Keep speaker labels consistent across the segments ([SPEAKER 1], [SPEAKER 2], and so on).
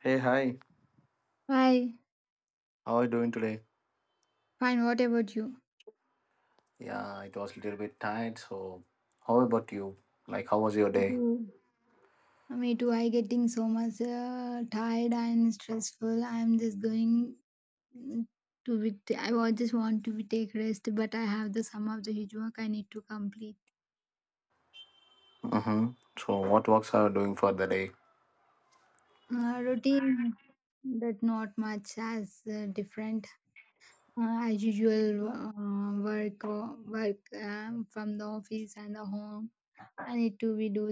[SPEAKER 1] Hey, hi.
[SPEAKER 2] Hi,
[SPEAKER 1] How are you doing today?
[SPEAKER 2] fine. What about you?
[SPEAKER 1] Yeah, it was a little bit tired, so how about you? Like, how was your day?
[SPEAKER 2] Mhm. Me too. I getting so much tired and stressful. I'm just going mm, to be. Just want to be take rest, but I have the some of the huge work I need to complete.
[SPEAKER 1] Mm-hmm. So, what works are you doing for the day?
[SPEAKER 2] Routine but not much as different as usual work work from the office and the home. I need to be do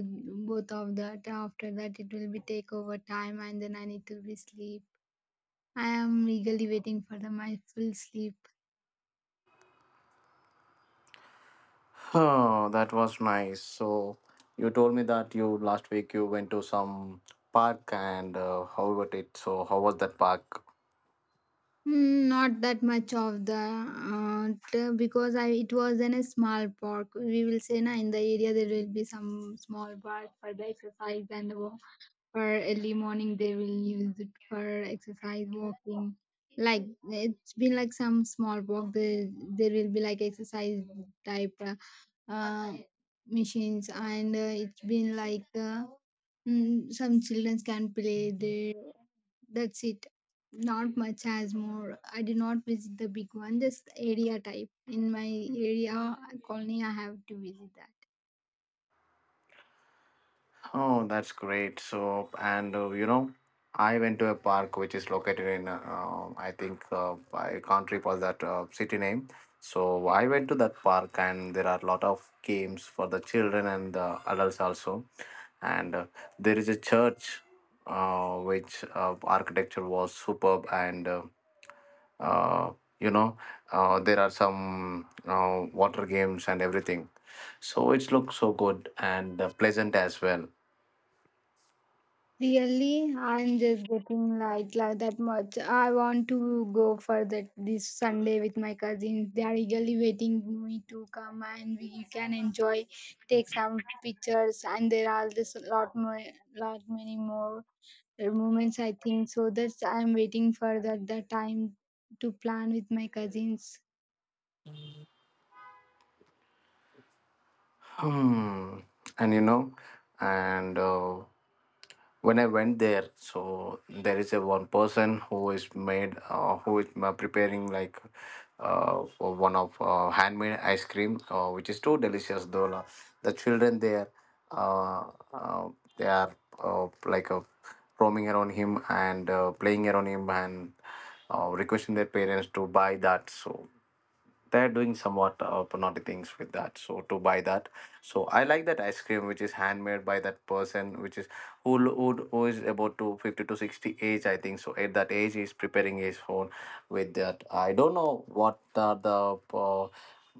[SPEAKER 2] both of that. After that, it will be take over time, and then I need to be sleep. I am eagerly waiting for the my full sleep.
[SPEAKER 1] Oh, that was nice. So, you told me that you last week you went to some park and how about it? So, how was that park?
[SPEAKER 2] Mm, not that much of the because I it was in a small park. We will say na in the area there will be some small park for the exercise and for early morning they will use it for exercise walking. Like it's been like some small park. There will be like exercise type. Uh, Machines and it's been like some children can play there, that's it. Not much has more. I did not visit the big one, just the area type in my area colony. I have to visit that.
[SPEAKER 1] Oh, that's great. So, and I went to a park which is located in, I think, I can't recall that city name. So, I went to that park, and there are a lot of games for the children and the adults also. And there is a church which architecture was superb, and uh, you know, there are some water games and everything. So, it looks so good and pleasant as well.
[SPEAKER 2] Really, I'm just getting light like that much. I want to go for that this Sunday with my cousins. They are eagerly waiting me to come, and we can enjoy, take some pictures, and there are this lot more, lot many more moments. I think so. That's I'm waiting for that the time to plan with my cousins.
[SPEAKER 1] Hmm. And you know, and When I went there, so there is a one person who is made, who is preparing like for one of handmade ice cream, which is too delicious. Though la- the children there, uh, uh, they are like roaming around him and playing around him and requesting their parents to buy that. So they're doing somewhat naughty things with that so to buy that, so I like that ice cream, which is handmade by that person, which is who is about to 50 to 60 age, I think so. At that age, he's preparing his phone with that. I don't know what are the uh,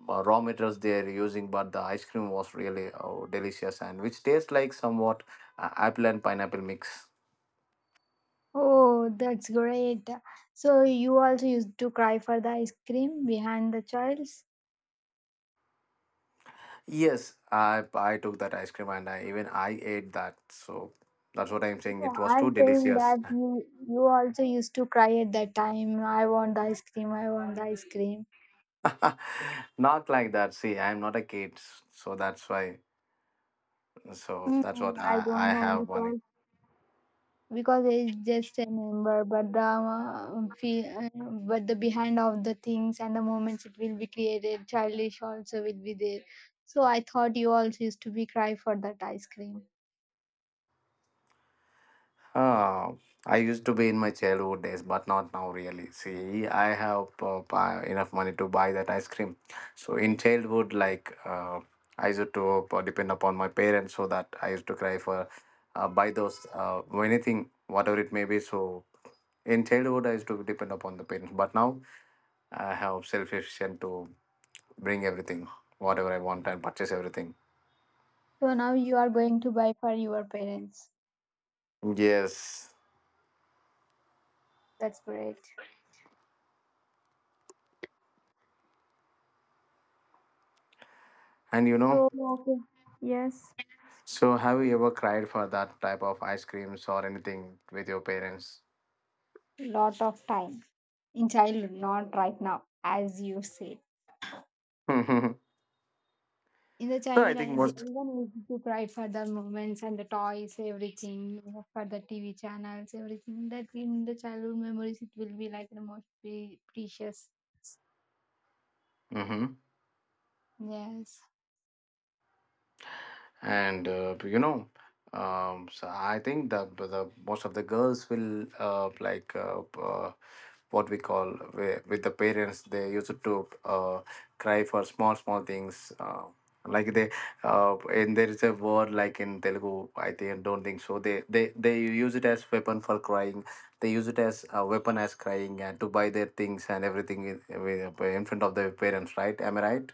[SPEAKER 1] uh, raw materials they're using, but the ice cream was really delicious and which tastes like somewhat apple and pineapple mix.
[SPEAKER 2] Oh, that's great. So you also used to cry for the ice cream behind the child's.
[SPEAKER 1] Yes, I took that ice cream, and I even I ate that, so that's what I'm saying,
[SPEAKER 2] Yeah,
[SPEAKER 1] it was too
[SPEAKER 2] I'm saying
[SPEAKER 1] delicious.
[SPEAKER 2] that you also used to cry at that time. I want the ice cream. I want the ice cream.
[SPEAKER 1] Not like that. See, I'm not a kid, so that's why. So that's
[SPEAKER 2] Mm,
[SPEAKER 1] what
[SPEAKER 2] I
[SPEAKER 1] I,
[SPEAKER 2] don't
[SPEAKER 1] I
[SPEAKER 2] know
[SPEAKER 1] have one.
[SPEAKER 2] because it's just a number, but but the behind of the things and the moments it will be created, childish also will be there. So I thought you also used to be cry for that ice cream.
[SPEAKER 1] Uh, I used to be in my childhood days, but not now really. See, I have buy- enough money to buy that ice cream. So in childhood, like I used to depend upon my parents, so that I used to cry for buy those anything, whatever it may be. So in childhood, I used to depend upon the parents, but now I have self-efficient to bring everything, whatever I want, and purchase everything.
[SPEAKER 2] So now you are going to buy for your parents.
[SPEAKER 1] Yes.
[SPEAKER 2] That's great.
[SPEAKER 1] And
[SPEAKER 2] So okay. Yes.
[SPEAKER 1] so have you ever cried for that type of ice creams or anything with your parents?
[SPEAKER 2] Lot of time in childhood, not right now, as you said.
[SPEAKER 1] So
[SPEAKER 2] In the
[SPEAKER 1] I
[SPEAKER 2] childhood,
[SPEAKER 1] think most.
[SPEAKER 2] everyone used to cry for the moments and the toys, everything, you know, for the TV channels, everything. That in the childhood memories, it will be like the most precious.
[SPEAKER 1] Mhm.
[SPEAKER 2] Yes.
[SPEAKER 1] And so I think that the- most of the girls will like what we call wi- with the parents they used to cry for small small things like they and there is a word like in Telugu. I think don't think so, they use it as weapon for crying. They use it as a weapon as crying and to buy their things and everything in front of their parents, right? Am I right?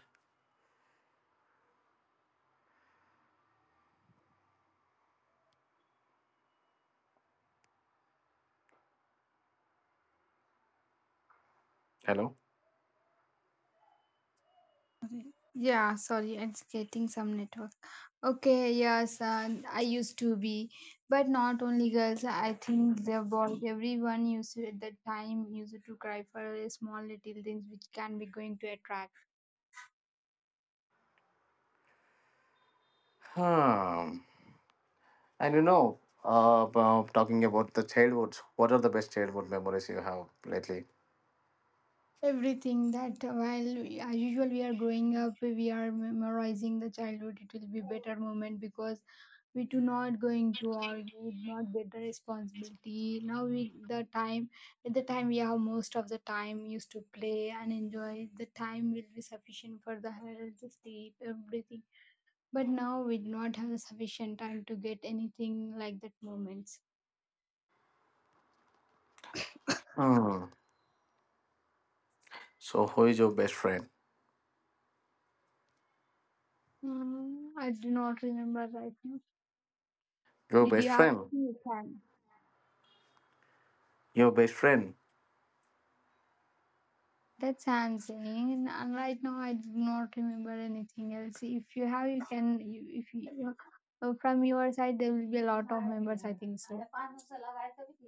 [SPEAKER 1] Hello?
[SPEAKER 2] Yeah, sorry, it's getting some network. Okay, yes, I used to be, but not only girls. I think the boys, everyone used to, at that time used to cry for a small little things which can be going to attract
[SPEAKER 1] Hmm. And about talking about the childhoods, what are the best childhood memories you have lately?
[SPEAKER 2] everything that while as usual we are growing up, we are memorizing the childhood. It will be better moment because we do not going to argue, not get the responsibility now with the time. At the time we have most of the time used to play and enjoy. The time will be sufficient for the health sleep everything, but now we do not have the sufficient time to get anything like that moments.
[SPEAKER 1] Hmm. So, who is your best friend?
[SPEAKER 2] Mm, I do not remember right now.
[SPEAKER 1] Your
[SPEAKER 2] Did
[SPEAKER 1] best
[SPEAKER 2] you have
[SPEAKER 1] friend?
[SPEAKER 2] anything you—
[SPEAKER 1] Your best friend?
[SPEAKER 2] that sounds insane. And right now, I do not remember anything else. If you have, you can. If you from your side, there will be a lot of members. I think so.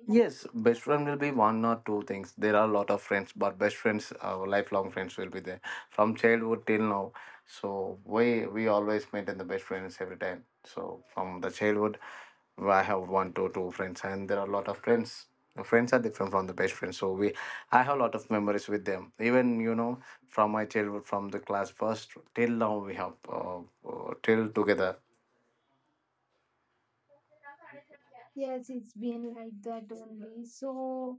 [SPEAKER 1] Yes, best friend will be one or two things. There are a lot of friends, but best friends, our lifelong friends will be there from childhood till now. So we always maintain the best friends every time. So from the childhood, I have one to two friends, and there are a lot of friends. Friends are different from the best friends, so we I have a lot of memories with them. Even from my childhood, from the class first till now, we have till together.
[SPEAKER 2] Yes, it's been like that only. So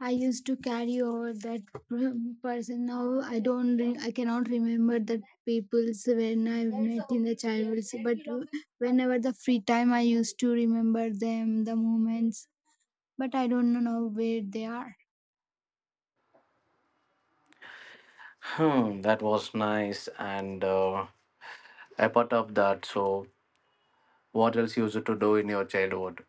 [SPEAKER 2] I used to carry over that person. Now I don't. I cannot remember the people's when I met in the childhood. But whenever the free time, I used to remember them, the moments, but I don't know where they are.
[SPEAKER 1] Hmm, that was nice and. Apart of that, so what else you used to do in your childhood?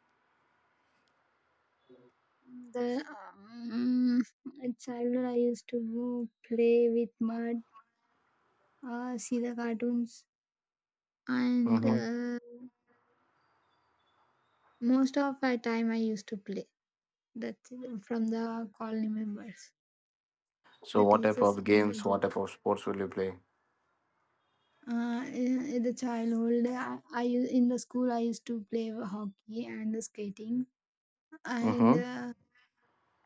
[SPEAKER 2] The In childhood I used to go play with mud, see the cartoons, and
[SPEAKER 1] Hmm.
[SPEAKER 2] most of my time I used to play. That from the colony members.
[SPEAKER 1] So,
[SPEAKER 2] That
[SPEAKER 1] what
[SPEAKER 2] is
[SPEAKER 1] type
[SPEAKER 2] the
[SPEAKER 1] of
[SPEAKER 2] sum
[SPEAKER 1] games,
[SPEAKER 2] of the
[SPEAKER 1] what type of sports will you play?
[SPEAKER 2] in the childhood, in the school I used to play hockey and the skating, and
[SPEAKER 1] Mm-hmm.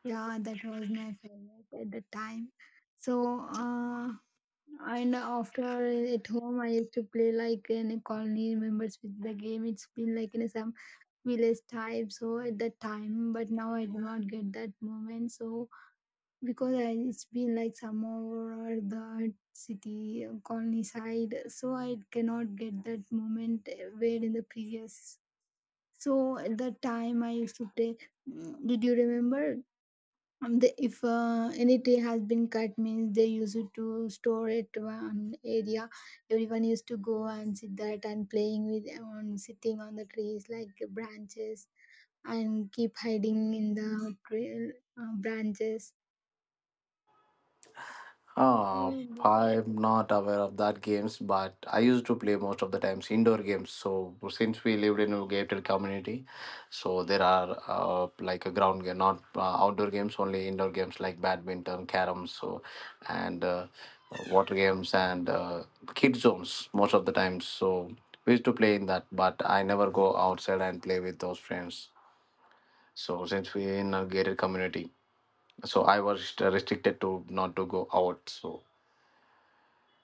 [SPEAKER 2] yeah, that was my favorite at the time. So. And after at home, I used to play like in a colony members with the game. It's been like in some village type. So at that time, but now I do not get that moment. So because I, it's been like some over the city colony side, so I cannot get that moment where in the previous. So at that time, I used to play. Mm, did you remember if any tree has been cut means they used it to store it to one area. Everyone used to go and sit that and playing with on sitting on the trees like branches, and keep hiding in the tree, branches.
[SPEAKER 1] Uh, I'm not aware of that games, but I used to play most of the times indoor games. So since we lived in a gated community, so there are like a ground game, not outdoor games, only indoor games like badminton, carom, so and water games and kid zones most of the times. So we used to play in that, but I never go outside and play with those friends. So since we in a gated community, so I was rest- restricted to not to go out. So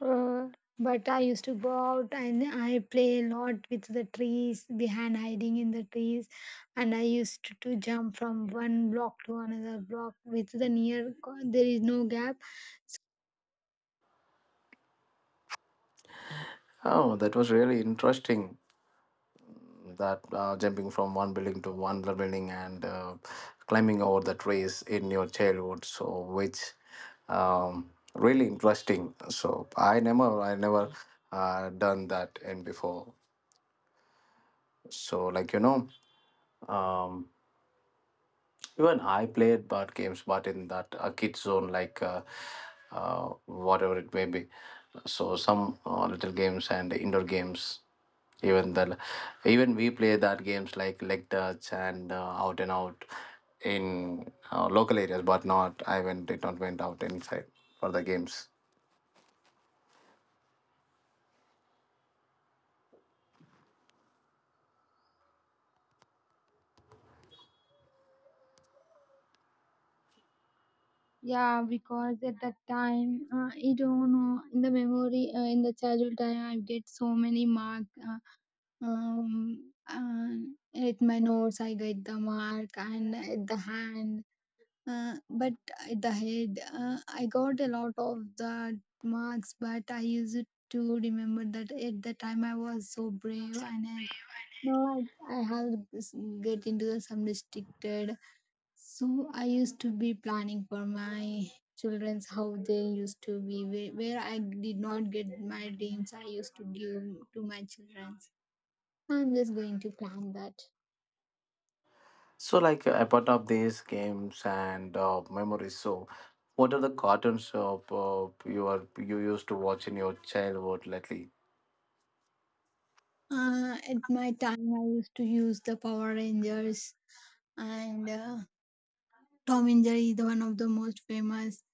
[SPEAKER 2] uh, but I used to go out and I play a lot with the trees behind hiding in the trees, and I used to jump from one block to another block with the near there is no gap.
[SPEAKER 1] oh, that was really interesting. That jumping from one building to one other building and climbing over the trees in your childhood. So which really interesting. So I never done that in before. So like Um, Even I played board games, but in that kid zone, like whatever it may be. So some little games and indoor games. Even the even we play that games like leg touch and out and out in local areas, but not I went did not went out inside for the games.
[SPEAKER 2] Yeah, because at that time, I don't know, in the memory, in the childhood time, I get so many mark. Um, uh, at my notes, I get the mark, and at the hand, but at the head, I got a lot of the marks. But I used to remember that at the time I was so brave, and I, no, I have get into the some restricted. So I used to be planning for my children's how they used to be, where I did not get my dreams I used to give to my children's. I'm just going to plan that.
[SPEAKER 1] So like apart of these games and memories, so what are the cartoons of you are you used to watch in your childhood lately?
[SPEAKER 2] At my time, I used to use the Power Rangers and Tom and Jerry is the one of the most famous.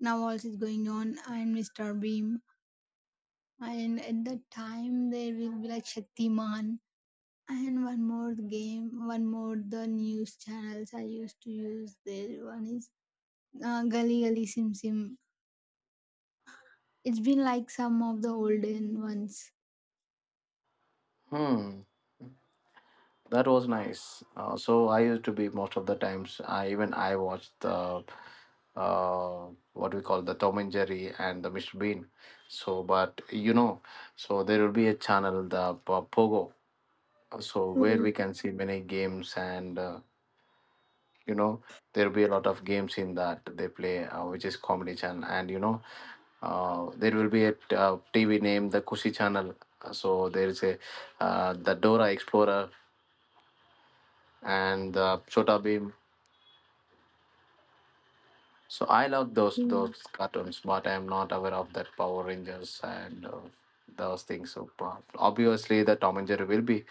[SPEAKER 2] Now also is going on and Mr. Beam. And at that time, there will be like Shaktiman. And one more game, one more the news channels I used to use. There one is Gully Gully Sim Sim. It's been like some of the olden ones.
[SPEAKER 1] Hmm. That was nice. So I used to be most of the times. I even I watched the uh, what we call the Tom and Jerry and the Mr. Bean. So, but so there will be a channel the Po- Pogo. So where we
[SPEAKER 2] Oh,
[SPEAKER 1] can see many games and you know there will be a lot of games in that they play, which is comedy channel. And there will be a t- TV name the Kushi channel. So there is a the Dora Explorer and the Chota Beam. So I love those
[SPEAKER 2] okay.
[SPEAKER 1] those cartoons, but I'm not aware of that Power Rangers and those things. So obviously, the Tom and Jerry will be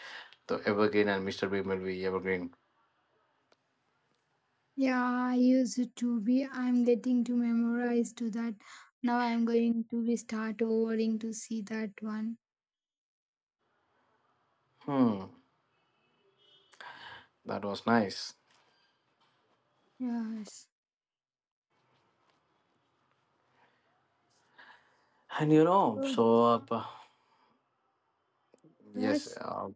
[SPEAKER 1] the Evergreen, and Mr. Bean will be Evergreen.
[SPEAKER 2] Yeah, I used it to be. I'm getting to memorize to that. Now I'm going to be start overing to see that one.
[SPEAKER 1] Hmm, that was nice.
[SPEAKER 2] Yes.
[SPEAKER 1] And
[SPEAKER 2] Oh,
[SPEAKER 1] yes,
[SPEAKER 2] yes.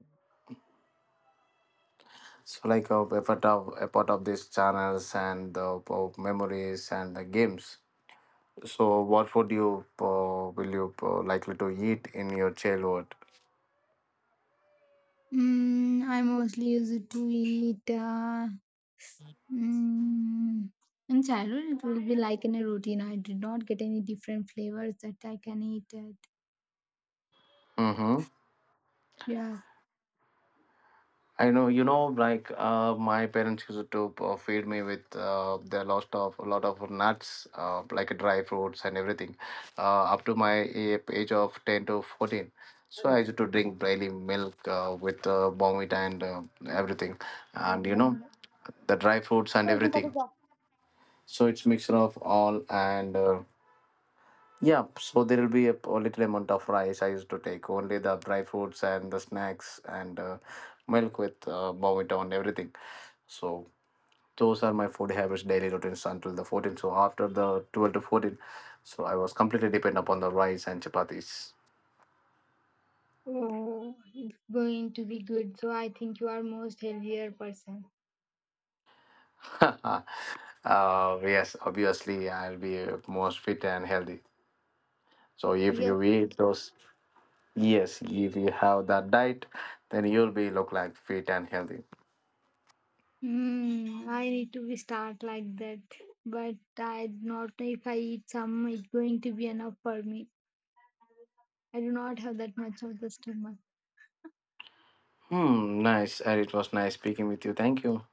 [SPEAKER 1] so like a part of these channels and the memories and the games. So what would you will you likely to eat in your childhood?
[SPEAKER 2] Mm, I mostly used to eat. Mm, in childhood, it will be like in a routine. I did not get any different flavors that I can eat it.
[SPEAKER 1] Mm-hmm.
[SPEAKER 2] Yeah,
[SPEAKER 1] I know, like my parents used to feed me with the lot of a lot of nuts, like dry fruits and everything, up to my a- age of 10 to 14. So I used to drink daily milk with Bonvita and everything, and
[SPEAKER 2] oh,
[SPEAKER 1] the dry fruits and everything. So it's mixture of all and. Yeah, so there will be a, p- little amount of rice. I used to take only the dry fruits and the snacks and milk with Bowmita and everything. So those are my food habits, daily routines until the 14. So after the 12 to 14, so I was completely dependent upon the rice and chapatis.
[SPEAKER 2] it's going to be good. So I think you are most healthier person.
[SPEAKER 1] uh, yes, obviously I'll be most fit and healthy. So if
[SPEAKER 2] Real.
[SPEAKER 1] you eat those, yes, if you have that diet, then you'll be look like fit and healthy.
[SPEAKER 2] Mm, I need to be start like that, but I not if I eat some, it's going to be enough for me. I do not have that much of the stomach.
[SPEAKER 1] Hmm, nice. And it was nice speaking with you. Thank you.